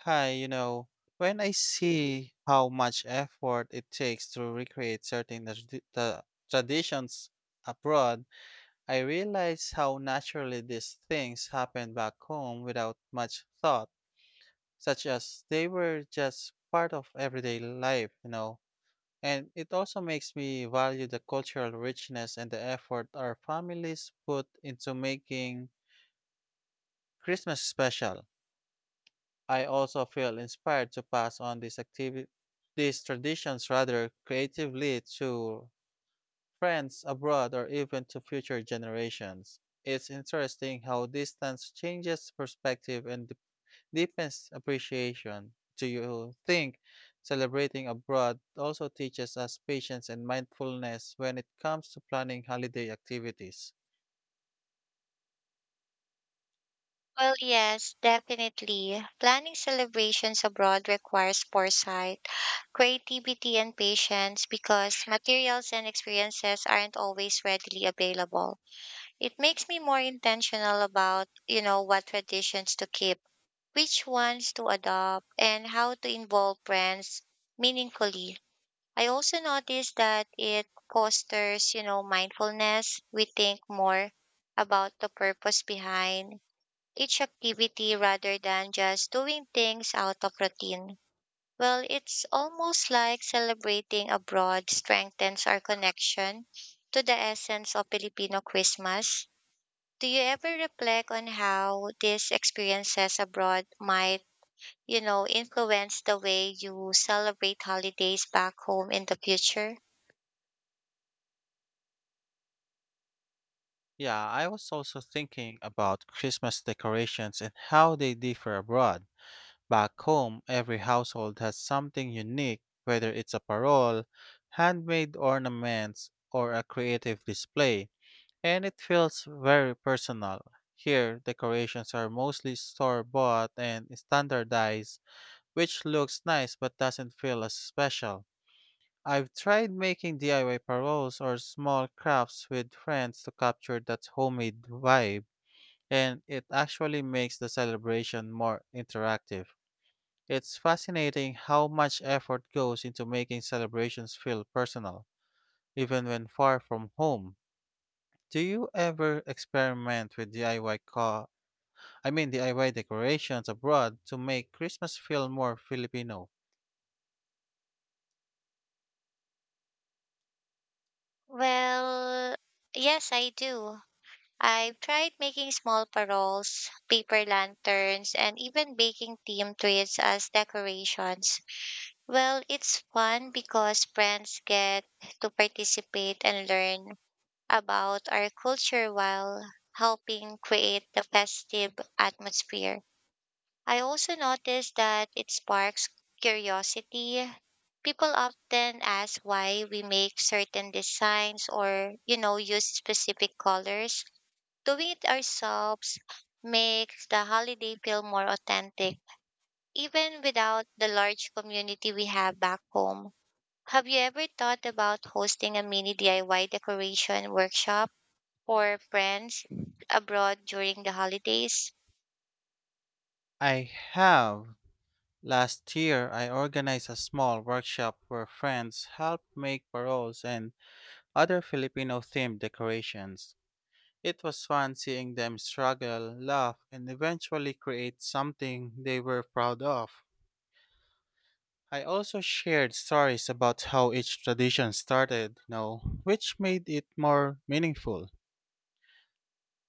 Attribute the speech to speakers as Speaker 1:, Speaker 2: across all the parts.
Speaker 1: Hi, when I see how much effort it takes to recreate certain the traditions abroad, I realize how naturally these things happened back home without much thought, such as they were just part of everyday life, And it also makes me value the cultural richness and the effort our families put into making Christmas special. I also feel inspired to pass on these traditions rather creatively to friends abroad or even to future generations. It's interesting how distance changes perspective and deepens appreciation. Do you think celebrating abroad also teaches us patience and mindfulness when it comes to planning holiday activities?
Speaker 2: Well, yes, definitely. Planning celebrations abroad requires foresight, creativity, and patience because materials and experiences aren't always readily available. It makes me more intentional about, what traditions to keep, which ones to adopt, and how to involve friends meaningfully. I also noticed that it fosters, mindfulness. We think more about the purpose behind each activity rather than just doing things out of routine. Well, it's almost like celebrating abroad strengthens our connection to the essence of Filipino Christmas. Do you ever reflect on how these experiences abroad might, influence the way you celebrate holidays back home in the future?
Speaker 1: Yeah, I was also thinking about Christmas decorations and how they differ abroad. Back home, every household has something unique, whether it's a parole, handmade ornaments, or a creative display, and it feels very personal. Here, decorations are mostly store bought and standardized, which looks nice but doesn't feel as special. I've tried making DIY paroles or small crafts with friends to capture that homemade vibe, and it actually makes the celebration more interactive. It's fascinating how much effort goes into making celebrations feel personal, even when far from home. Do you ever experiment with DIY co- I mean DIY decorations abroad to make Christmas feel more Filipino?
Speaker 2: Well, yes, I do. I've tried making small paroles, paper lanterns, and even baking theme treats as decorations. Well, it's fun because friends get to participate and learn about our culture while helping create the festive atmosphere. I also noticed that it sparks curiosity. People often ask why we make certain designs or, use specific colors. Doing it ourselves makes the holiday feel more authentic, even without the large community we have back home. Have you ever thought about hosting a mini DIY decoration workshop for friends abroad during the holidays?
Speaker 1: I have. Last year, I organized a small workshop where friends helped make paroles and other Filipino themed decorations. It was fun seeing them struggle, laugh, and eventually create something they were proud of. I also shared stories about how each tradition started, which made it more meaningful.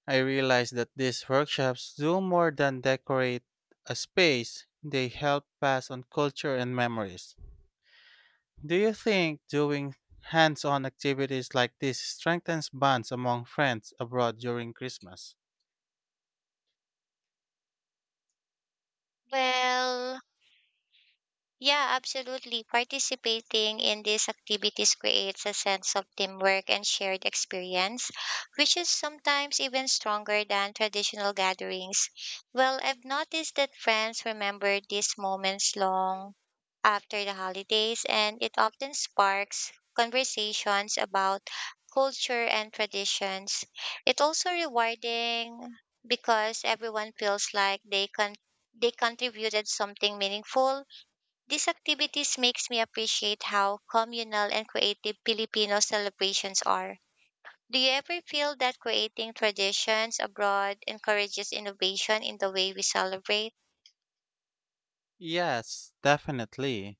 Speaker 1: I realized that these workshops do more than decorate a space, they help pass on culture and memories. Do you think doing hands on activities like this strengthens bonds among friends abroad during Christmas?
Speaker 2: Well, yeah, absolutely. Participating in these activities creates a sense of teamwork and shared experience, which is sometimes even stronger than traditional gatherings. Well, I've noticed that friends remember these moments long after the holidays, and it often sparks conversations about culture and traditions. It's also rewarding because everyone feels like they contributed something meaningful. These activities makes me appreciate how communal and creative Filipino celebrations are. Do you ever feel that creating traditions abroad encourages innovation in the way we celebrate?
Speaker 1: Yes, definitely.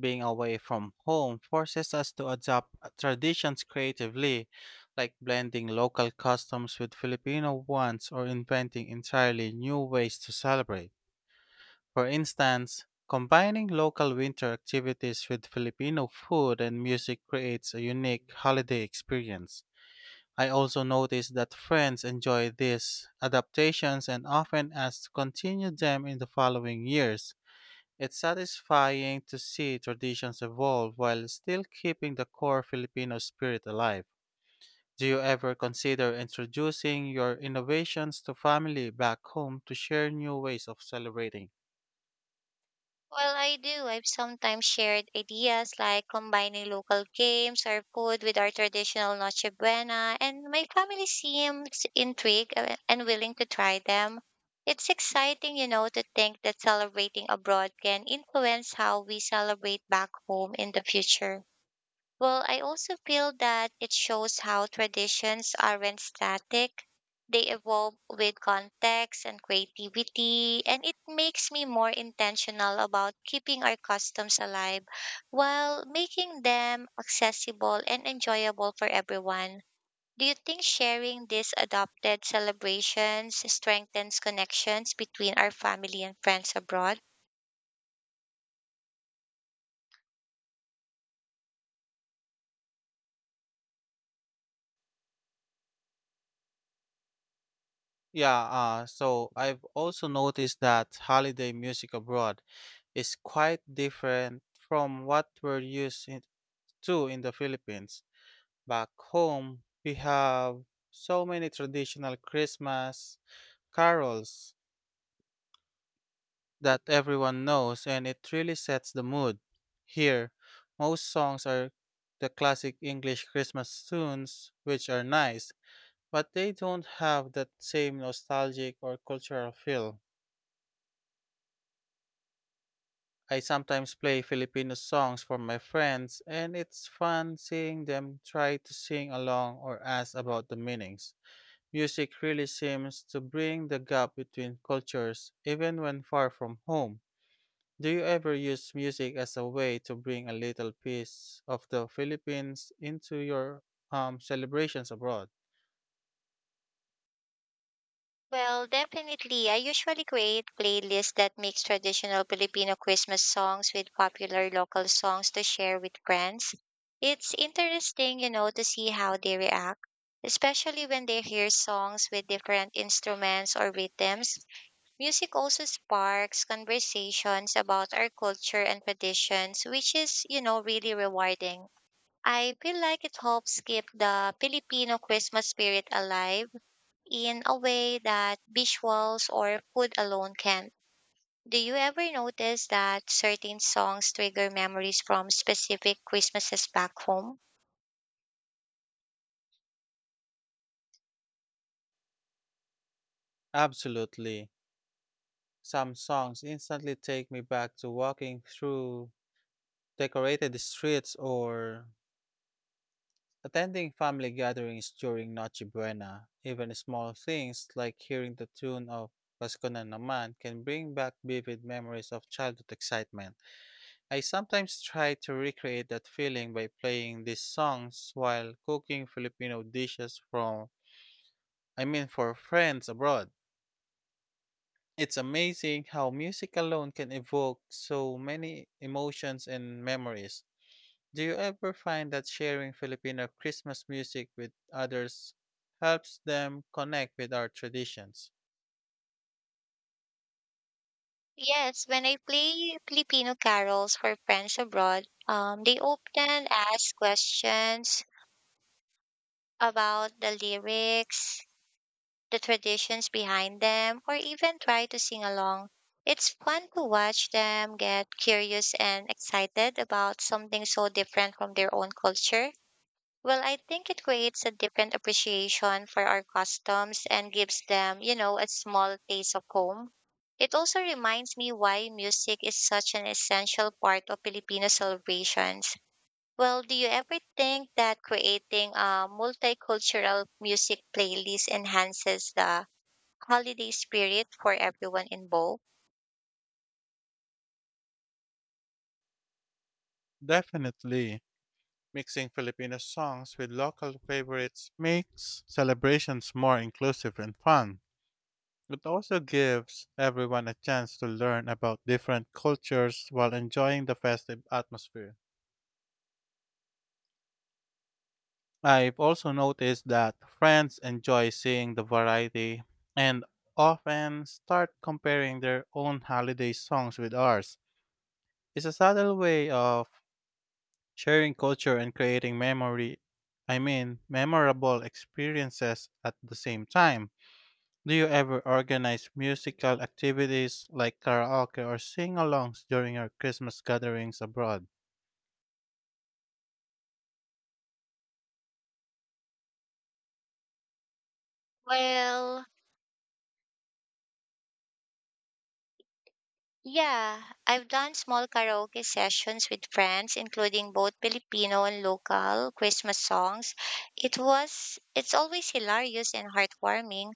Speaker 1: Being away from home forces us to adapt traditions creatively, like blending local customs with Filipino ones or inventing entirely new ways to celebrate. For instance, combining local winter activities with Filipino food and music creates a unique holiday experience. I also noticed that friends enjoy these adaptations and often ask to continue them in the following years. It's satisfying to see traditions evolve while still keeping the core Filipino spirit alive. Do you ever consider introducing your innovations to family back home to share new ways of celebrating?
Speaker 2: Well, I do. I've sometimes shared ideas like combining local games or food with our traditional Noche Buena, and my family seems intrigued and willing to try them. It's exciting, to think that celebrating abroad can influence how we celebrate back home in the future. Well, I also feel that it shows how traditions aren't static. They evolve with context and creativity, and it makes me more intentional about keeping our customs alive while making them accessible and enjoyable for everyone. Do you think sharing these adopted celebrations strengthens connections between our family and friends abroad?
Speaker 1: Yeah, so I've also noticed that holiday music abroad is quite different from what we're used to in the Philippines. Back home, we have so many traditional Christmas carols that everyone knows and it really sets the mood. Here, most songs are the classic English Christmas tunes, which are nice, but they don't have that same nostalgic or cultural feel. I sometimes play Filipino songs for my friends, and it's fun seeing them try to sing along or ask about the meanings. Music really seems to bring the gap between cultures, even when far from home. Do you ever use music as a way to bring a little piece of the Philippines into your celebrations abroad?
Speaker 2: Well, definitely. I usually create playlists that mix traditional Filipino Christmas songs with popular local songs to share with friends. It's interesting, to see how they react, especially when they hear songs with different instruments or rhythms. Music also sparks conversations about our culture and traditions, which is, really rewarding. I feel like it helps keep the Filipino Christmas spirit alive in a way that visuals or food alone can't. Do you ever notice that certain songs trigger memories from specific Christmases back home?
Speaker 1: Absolutely. Some songs instantly take me back to walking through decorated streets or attending family gatherings during Noche Buena. Even small things like hearing the tune of Pasko na naman can bring back vivid memories of childhood excitement. I sometimes try to recreate that feeling by playing these songs while cooking Filipino dishes from I mean for friends abroad. It's amazing how music alone can evoke so many emotions and memories. Do you ever find that sharing Filipino Christmas music with others helps them connect with our traditions?
Speaker 2: Yes, when I play Filipino carols for friends abroad, they often ask questions about the lyrics, the traditions behind them, or even try to sing along. It's fun to watch them get curious and excited about something so different from their own culture. Well, I think it creates a different appreciation for our customs and gives them, a small taste of home. It also reminds me why music is such an essential part of Filipino celebrations. Well, do you ever think that creating a multicultural music playlist enhances the holiday spirit for everyone involved?
Speaker 1: Definitely. Mixing Filipino songs with local favorites makes celebrations more inclusive and fun. It also gives everyone a chance to learn about different cultures while enjoying the festive atmosphere. I've also noticed that friends enjoy seeing the variety and often start comparing their own holiday songs with ours. It's a subtle way of sharing culture and creating memorable experiences at the same time. Do you ever organize musical activities like karaoke or sing alongs during your Christmas gatherings abroad?
Speaker 2: Well, yeah, I've done small karaoke sessions with friends, including both Filipino and local Christmas songs. It's always hilarious and heartwarming,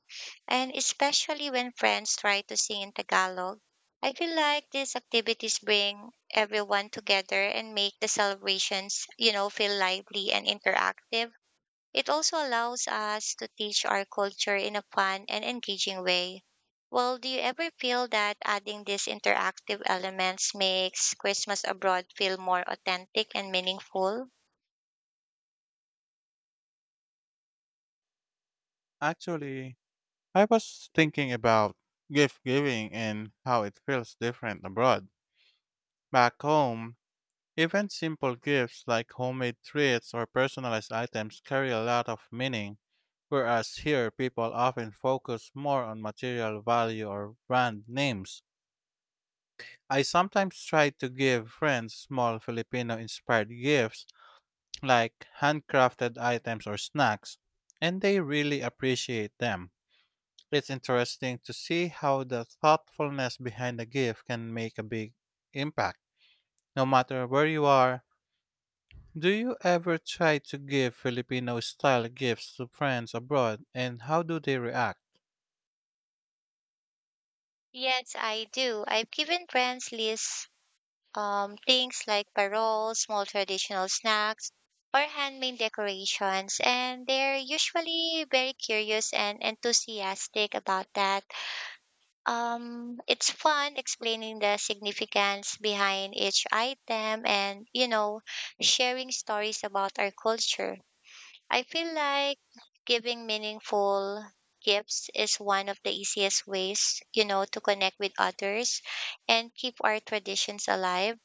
Speaker 2: and especially when friends try to sing in Tagalog. I feel like these activities bring everyone together and make the celebrations, feel lively and interactive. It also allows us to teach our culture in a fun and engaging way. Well, do you ever feel that adding these interactive elements makes Christmas abroad feel more authentic and meaningful?
Speaker 1: Actually, I was thinking about gift giving and how it feels different abroad. Back home, even simple gifts like homemade treats or personalized items carry a lot of meaning, whereas here people often focus more on material value or brand names. I sometimes try to give friends small Filipino inspired gifts like handcrafted items or snacks, and they really appreciate them. It's interesting to see how the thoughtfulness behind a gift can make a big impact, no matter where you are. Do you ever try to give Filipino style gifts to friends abroad, and how do they react?
Speaker 2: Yes, I do. I've given friends lists things like paroles, small traditional snacks, or handmade decorations, and they're usually very curious and enthusiastic about that. It's fun explaining the significance behind each item and, sharing stories about our culture. I feel like giving meaningful gifts is one of the easiest ways, to connect with others and keep our traditions alive.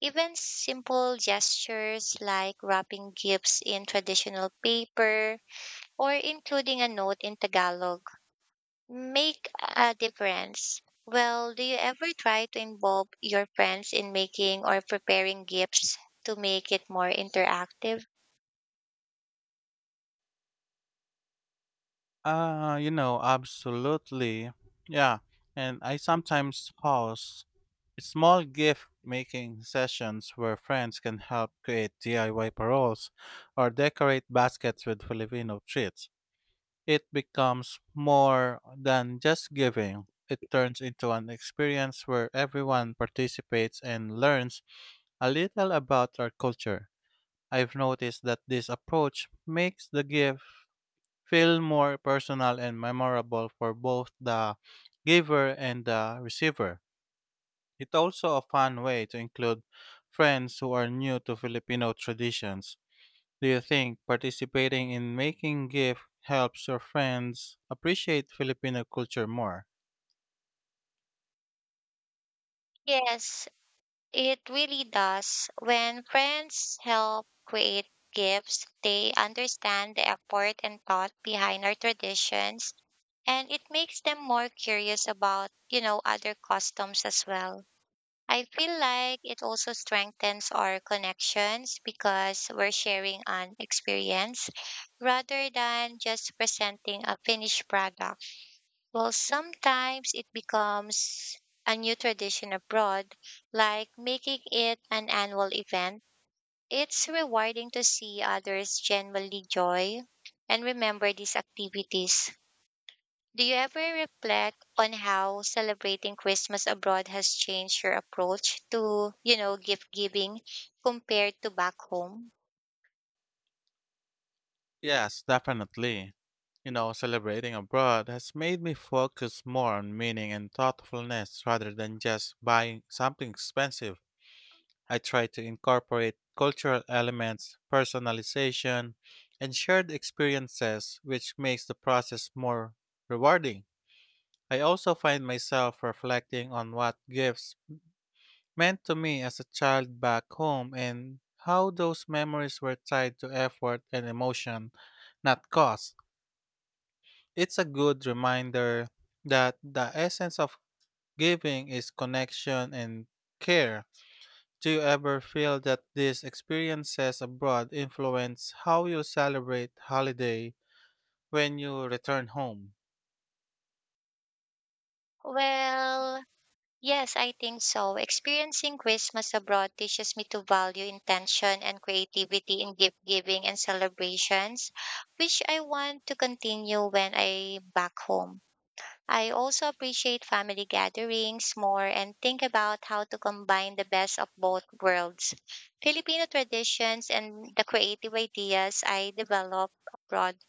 Speaker 2: Even simple gestures like wrapping gifts in traditional paper or including a note in Tagalog make a difference. Well, do you ever try to involve your friends in making or preparing gifts to make it more interactive?
Speaker 1: Absolutely. Yeah, and I sometimes host. Small gift making sessions where friends can help create DIY paroles or decorate baskets with Filipino treats. It becomes more than just giving. It turns into an experience where everyone participates and learns a little about our culture. I've noticed that this approach makes the gift feel more personal and memorable for both the giver and the receiver. It's also a fun way to include friends who are new to Filipino traditions. Do you think participating in making gift helps your friends appreciate Filipino culture more?
Speaker 2: Yes, it really does. When friends help create gifts, they understand the effort and thought behind our traditions, and it makes them more curious about, other customs as well. I feel like it also strengthens our connections because we're sharing an experience rather than just presenting a finished product. Well, sometimes it becomes a new tradition abroad, like making it an annual event. It's rewarding to see others genuinely joy and remember these activities. Do you ever reflect on how celebrating Christmas abroad has changed your approach to, gift giving compared to back home?
Speaker 1: Yes, definitely. Celebrating abroad has made me focus more on meaning and thoughtfulness rather than just buying something expensive. I try to incorporate cultural elements, personalization, and shared experiences, which makes the process more rewarding. I also find myself reflecting on what gifts meant to me as a child back home and how those memories were tied to effort and emotion, not cost. It's a good reminder that the essence of giving is connection and care. Do you ever feel that these experiences abroad influence how you celebrate holiday when you return home?
Speaker 2: Well, yes, I think so. Experiencing Christmas abroad teaches me to value intention and creativity in gift giving and celebrations, which I want to continue when I back home. I also appreciate family gatherings more and think about how to combine the best of both worlds, Filipino traditions and the creative ideas I develop abroad.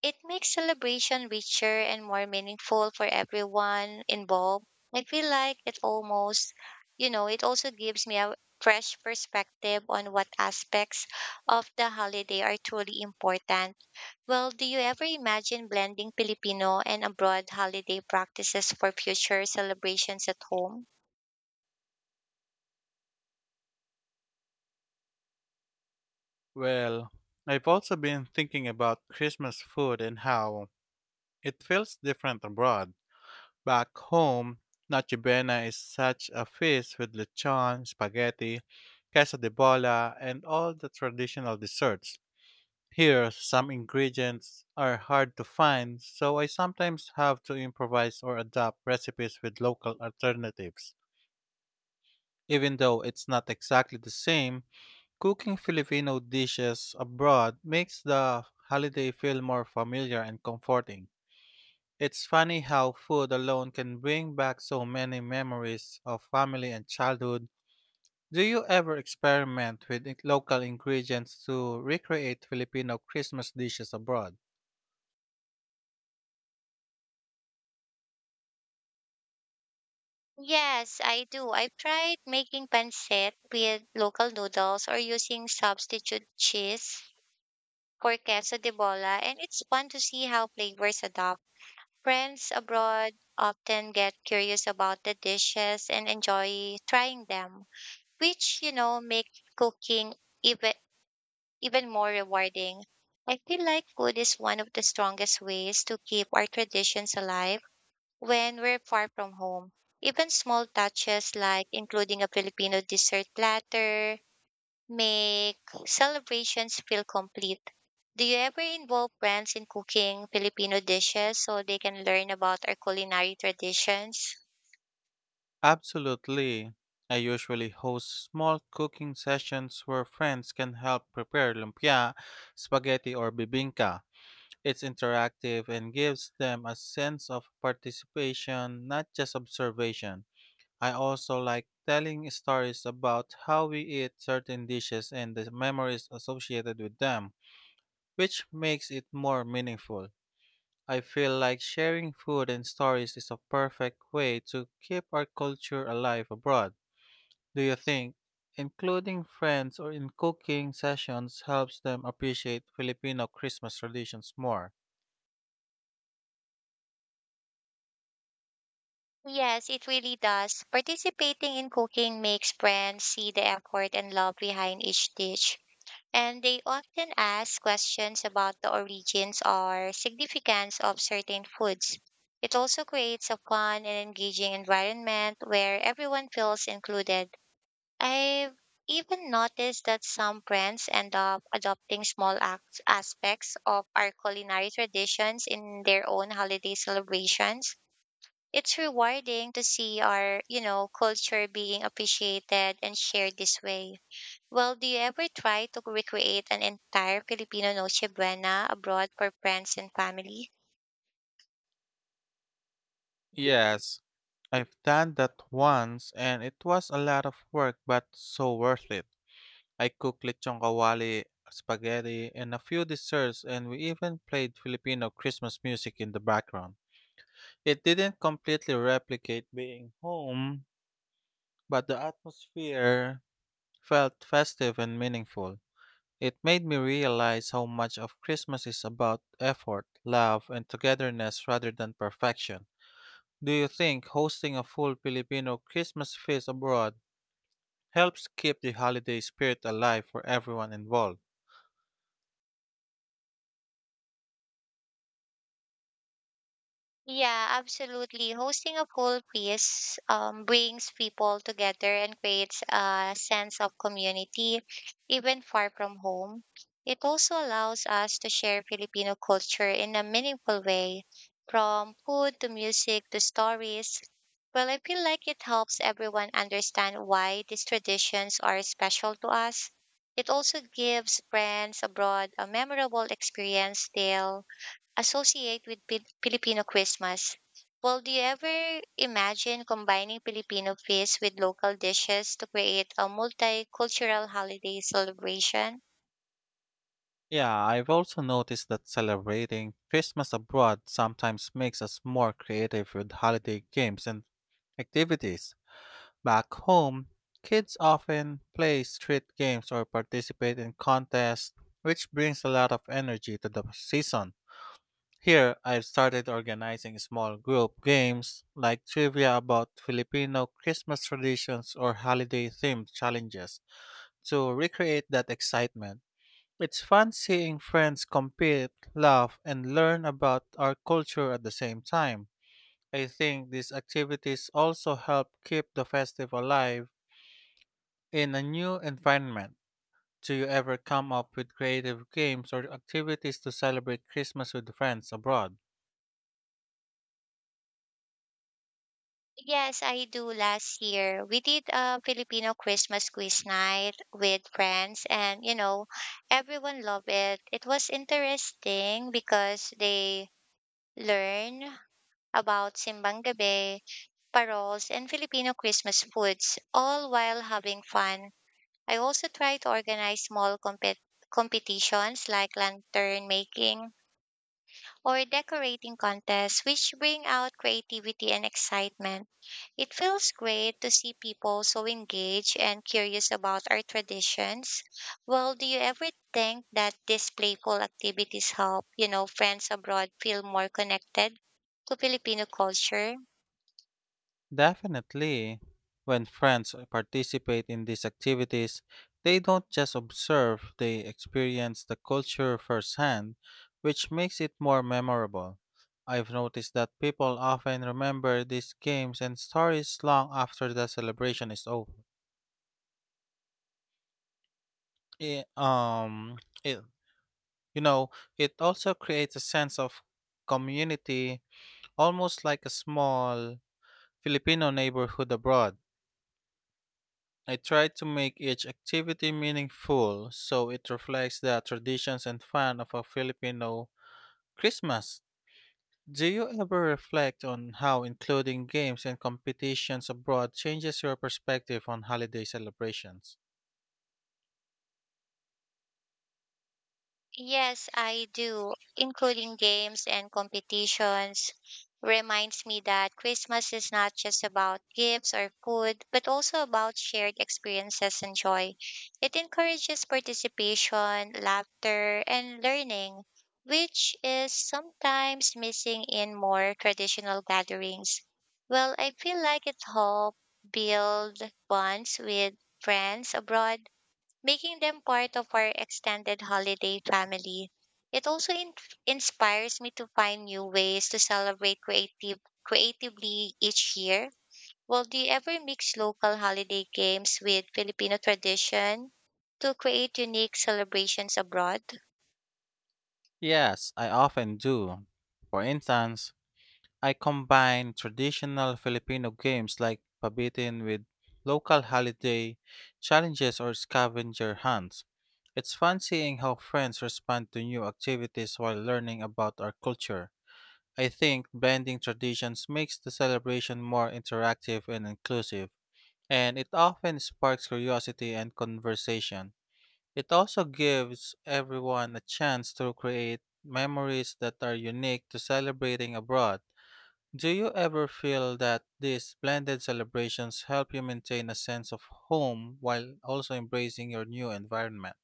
Speaker 2: It makes celebration richer and more meaningful for everyone involved. I feel like it almost, you know, it also gives me a fresh perspective on what aspects of the holiday are truly important. Well, do you ever imagine blending Filipino and abroad holiday practices for future celebrations at home?
Speaker 1: Well, I've also been thinking about Christmas food and how it feels different abroad. Back home, Noche Buena is such a feast with lechon, spaghetti, queso de bola, and all the traditional desserts. Here, some ingredients are hard to find, so I sometimes have to improvise or adapt recipes with local alternatives. Even though it's not exactly the same, cooking Filipino dishes abroad makes the holiday feel more familiar and comforting. It's funny how food alone can bring back so many memories of family and childhood. Do you ever experiment with local ingredients to recreate Filipino Christmas dishes abroad?
Speaker 2: Yes, I do. I tried making pancit with local noodles or using substitute cheese for queso de bola, and it's fun to see how flavors adapt. Friends abroad often get curious about the dishes and enjoy trying them, which, make cooking even, even more rewarding. I feel like food is one of the strongest ways to keep our traditions alive when we're far from home. Even small touches like including a Filipino dessert platter make celebrations feel complete. Do you ever involve friends in cooking Filipino dishes so they can learn about our culinary traditions?
Speaker 1: Absolutely. I usually host small cooking sessions where friends can help prepare lumpia, spaghetti, or bibinka. It's interactive and gives them a sense of participation, not just observation. I also like telling stories about how we eat certain dishes and the memories associated with them, which makes it more meaningful. I feel like sharing food and stories is a perfect way to keep our culture alive abroad. Do you think including friends or in cooking sessions helps them appreciate Filipino Christmas traditions more?
Speaker 2: Yes, it really does. Participating in cooking makes friends see the effort and love behind each dish. And they often ask questions about the origins or significance of certain foods. It also creates a fun and engaging environment where everyone feels included. I've even noticed that some brands end up adopting aspects of our culinary traditions in their own holiday celebrations. It's rewarding to see our, culture being appreciated and shared this way. Well, do you ever try to recreate an entire Filipino Noche Buena abroad for friends and family?
Speaker 1: Yes, I've done that once and it was a lot of work but so worth it. I cooked lechon kawali, spaghetti, and a few desserts, and we even played Filipino Christmas music in the background. It didn't completely replicate being home, but the atmosphere felt festive and meaningful. It made me realize how much of Christmas is about effort, love, and togetherness rather than perfection. Do you think hosting a full Filipino Christmas feast abroad helps keep the holiday spirit alive for everyone involved?
Speaker 2: Yeah, absolutely. Hosting a whole piece brings people together and creates a sense of community, even far from home. It also allows us to share Filipino culture in a meaningful way, from food to music to stories. Well, I feel like it helps everyone understand why these traditions are special to us. It also gives friends abroad a memorable experience they'll associate with Filipino Christmas. Well, do you ever imagine combining Filipino feasts with local dishes to create a multicultural holiday celebration?
Speaker 1: Yeah, I've also noticed that celebrating Christmas abroad sometimes makes us more creative with holiday games and activities. Back home, kids often play street games or participate in contests, which brings a lot of energy to the season. Here, I've started organizing small group games like trivia about Filipino Christmas traditions or holiday themed challenges to recreate that excitement. It's fun seeing friends compete, laugh, and learn about our culture at the same time. I think these activities also help keep the festive alive in a new environment. Do you ever come up with creative games or activities to celebrate Christmas with friends abroad?
Speaker 2: Yes, I do. Last year, we did a Filipino Christmas quiz night with friends, and everyone loved it. It was interesting because they learn about Simbang Gabi, paroles, and Filipino Christmas foods, all while having fun. I also try to organize small competitions like lantern making or decorating contests, which bring out creativity and excitement. It feels great to see people so engaged and curious about our traditions. Well, do you ever think that these playful activities help, friends abroad feel more connected to Filipino culture?
Speaker 1: Definitely. When friends participate in these activities, they don't just observe, they experience the culture firsthand, which makes it more memorable. I've noticed that people often remember these games and stories long after the celebration is over. I- um, it, you know, it also creates a sense of community, almost like a small Filipino neighborhood abroad. I try to make each activity meaningful so it reflects the traditions and fun of a Filipino Christmas. Do you ever reflect on how including games and competitions abroad changes your perspective on holiday celebrations?
Speaker 2: Yes, I do. Including games and competitions reminds me that Christmas is not just about gifts or food, but also about shared experiences and joy. It encourages participation, laughter, and learning, which is sometimes missing in more traditional gatherings. Well, I feel like it helps build bonds with friends abroad, making them part of our extended holiday family. It also inspires me to find new ways to celebrate creatively each year. Well, do you ever mix local holiday games with Filipino tradition to create unique celebrations abroad?
Speaker 1: Yes, I often do. For instance, I combine traditional Filipino games like pabitin with local holiday challenges or scavenger hunts. It's fun seeing how friends respond to new activities while learning about our culture. I think blending traditions makes the celebration more interactive and inclusive, and it often sparks curiosity and conversation. It also gives everyone a chance to create memories that are unique to celebrating abroad. Do you ever feel that these blended celebrations help you maintain a sense of home while also embracing your new environment?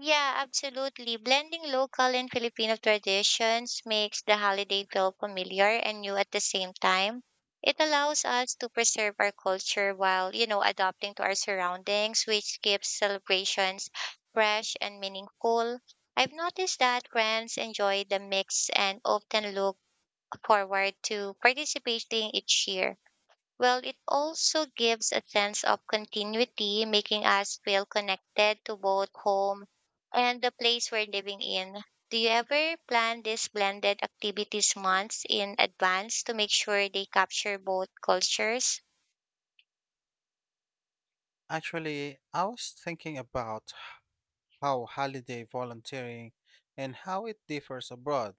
Speaker 2: Yeah, absolutely. Blending local and Filipino traditions makes the holiday feel familiar and new at the same time. It allows us to preserve our culture while, adapting to our surroundings, which keeps celebrations fresh and meaningful. I've noticed that friends enjoy the mix and often look forward to participating each year. Well, it also gives a sense of continuity, making us feel connected to both home and the place we're living in. Do you ever plan these blended activities months in advance to make sure they capture both cultures?
Speaker 1: Actually, I was thinking about how holiday volunteering and how it differs abroad.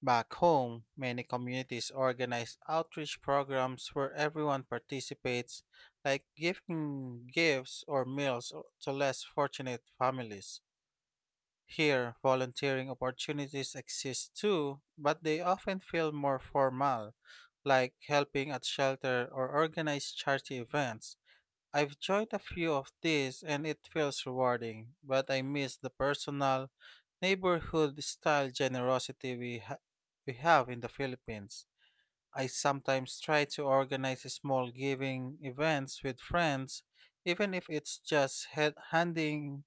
Speaker 1: Back home, many communities organize outreach programs where everyone participates, like giving gifts or meals to less fortunate families. Here, volunteering opportunities exist too, but they often feel more formal, like helping at shelter or organize charity events. I've joined a few of these and it feels rewarding, but I miss the personal, neighborhood style generosity we have in the Philippines. I sometimes try to organize small giving events with friends, even if it's just handing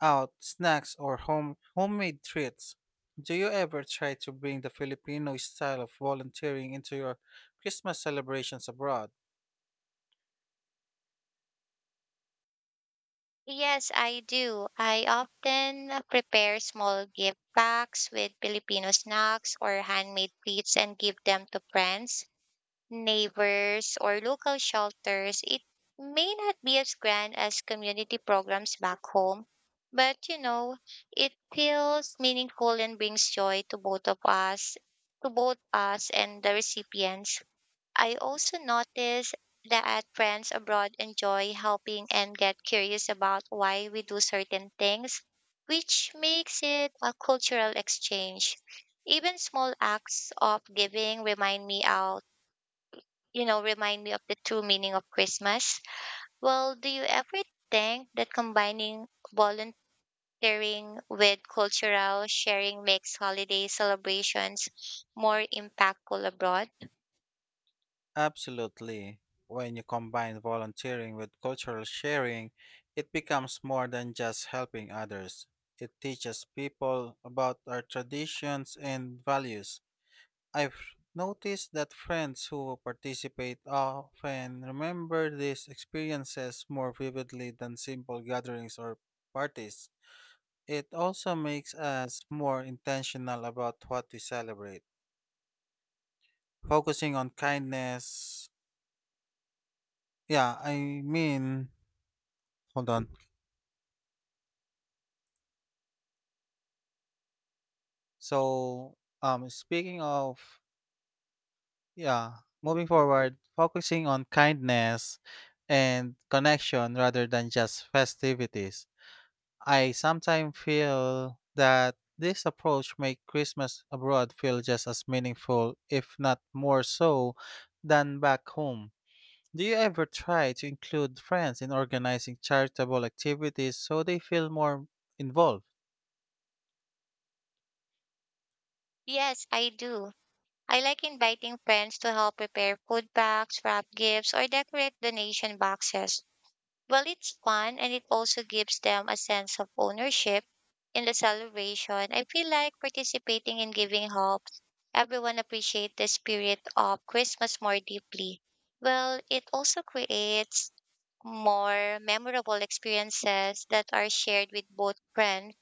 Speaker 1: out snacks or homemade treats. Do you ever try to bring the Filipino style of volunteering into your Christmas celebrations abroad?
Speaker 2: Yes, I do. I often prepare small gift packs with Filipino snacks or handmade treats and give them to friends, neighbors, or local shelters. It may not be as grand as community programs back home. But it feels meaningful and brings joy to to both us and the recipients. I also notice that friends abroad enjoy helping and get curious about why we do certain things, which makes it a cultural exchange. Even small acts of giving remind me out you know, remind me of the true meaning of Christmas. Well, do you ever think that combining volunteering with cultural sharing makes holiday celebrations more impactful abroad?
Speaker 1: Absolutely. When you combine volunteering with cultural sharing, it becomes more than just helping others. It teaches people about our traditions and values. I've noticed that friends who participate often remember these experiences more vividly than simple gatherings or parties. It also makes us more intentional about what we celebrate, focusing on kindness. Yeah, I mean, hold on. So, speaking of, yeah, Moving forward, focusing on kindness and connection rather than just festivities. I sometimes feel that this approach makes Christmas abroad feel just as meaningful, if not more so, than back home. Do you ever try to include friends in organizing charitable activities so they feel more involved?
Speaker 2: Yes, I do. I like inviting friends to help prepare food packs, wrap gifts, or decorate donation boxes. Well, it's fun and it also gives them a sense of ownership in the celebration. I feel like participating in giving help everyone appreciate the spirit of Christmas more deeply. Well, it also creates more memorable experiences that are shared with both friends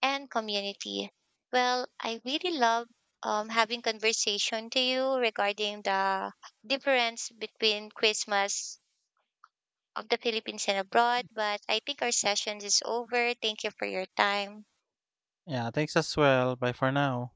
Speaker 2: and community. Well, I really love having conversation to you regarding the difference between Christmas of the Philippines and abroad, but I think our session is over. Thank you for your time.
Speaker 1: Yeah, thanks as well. Bye for now.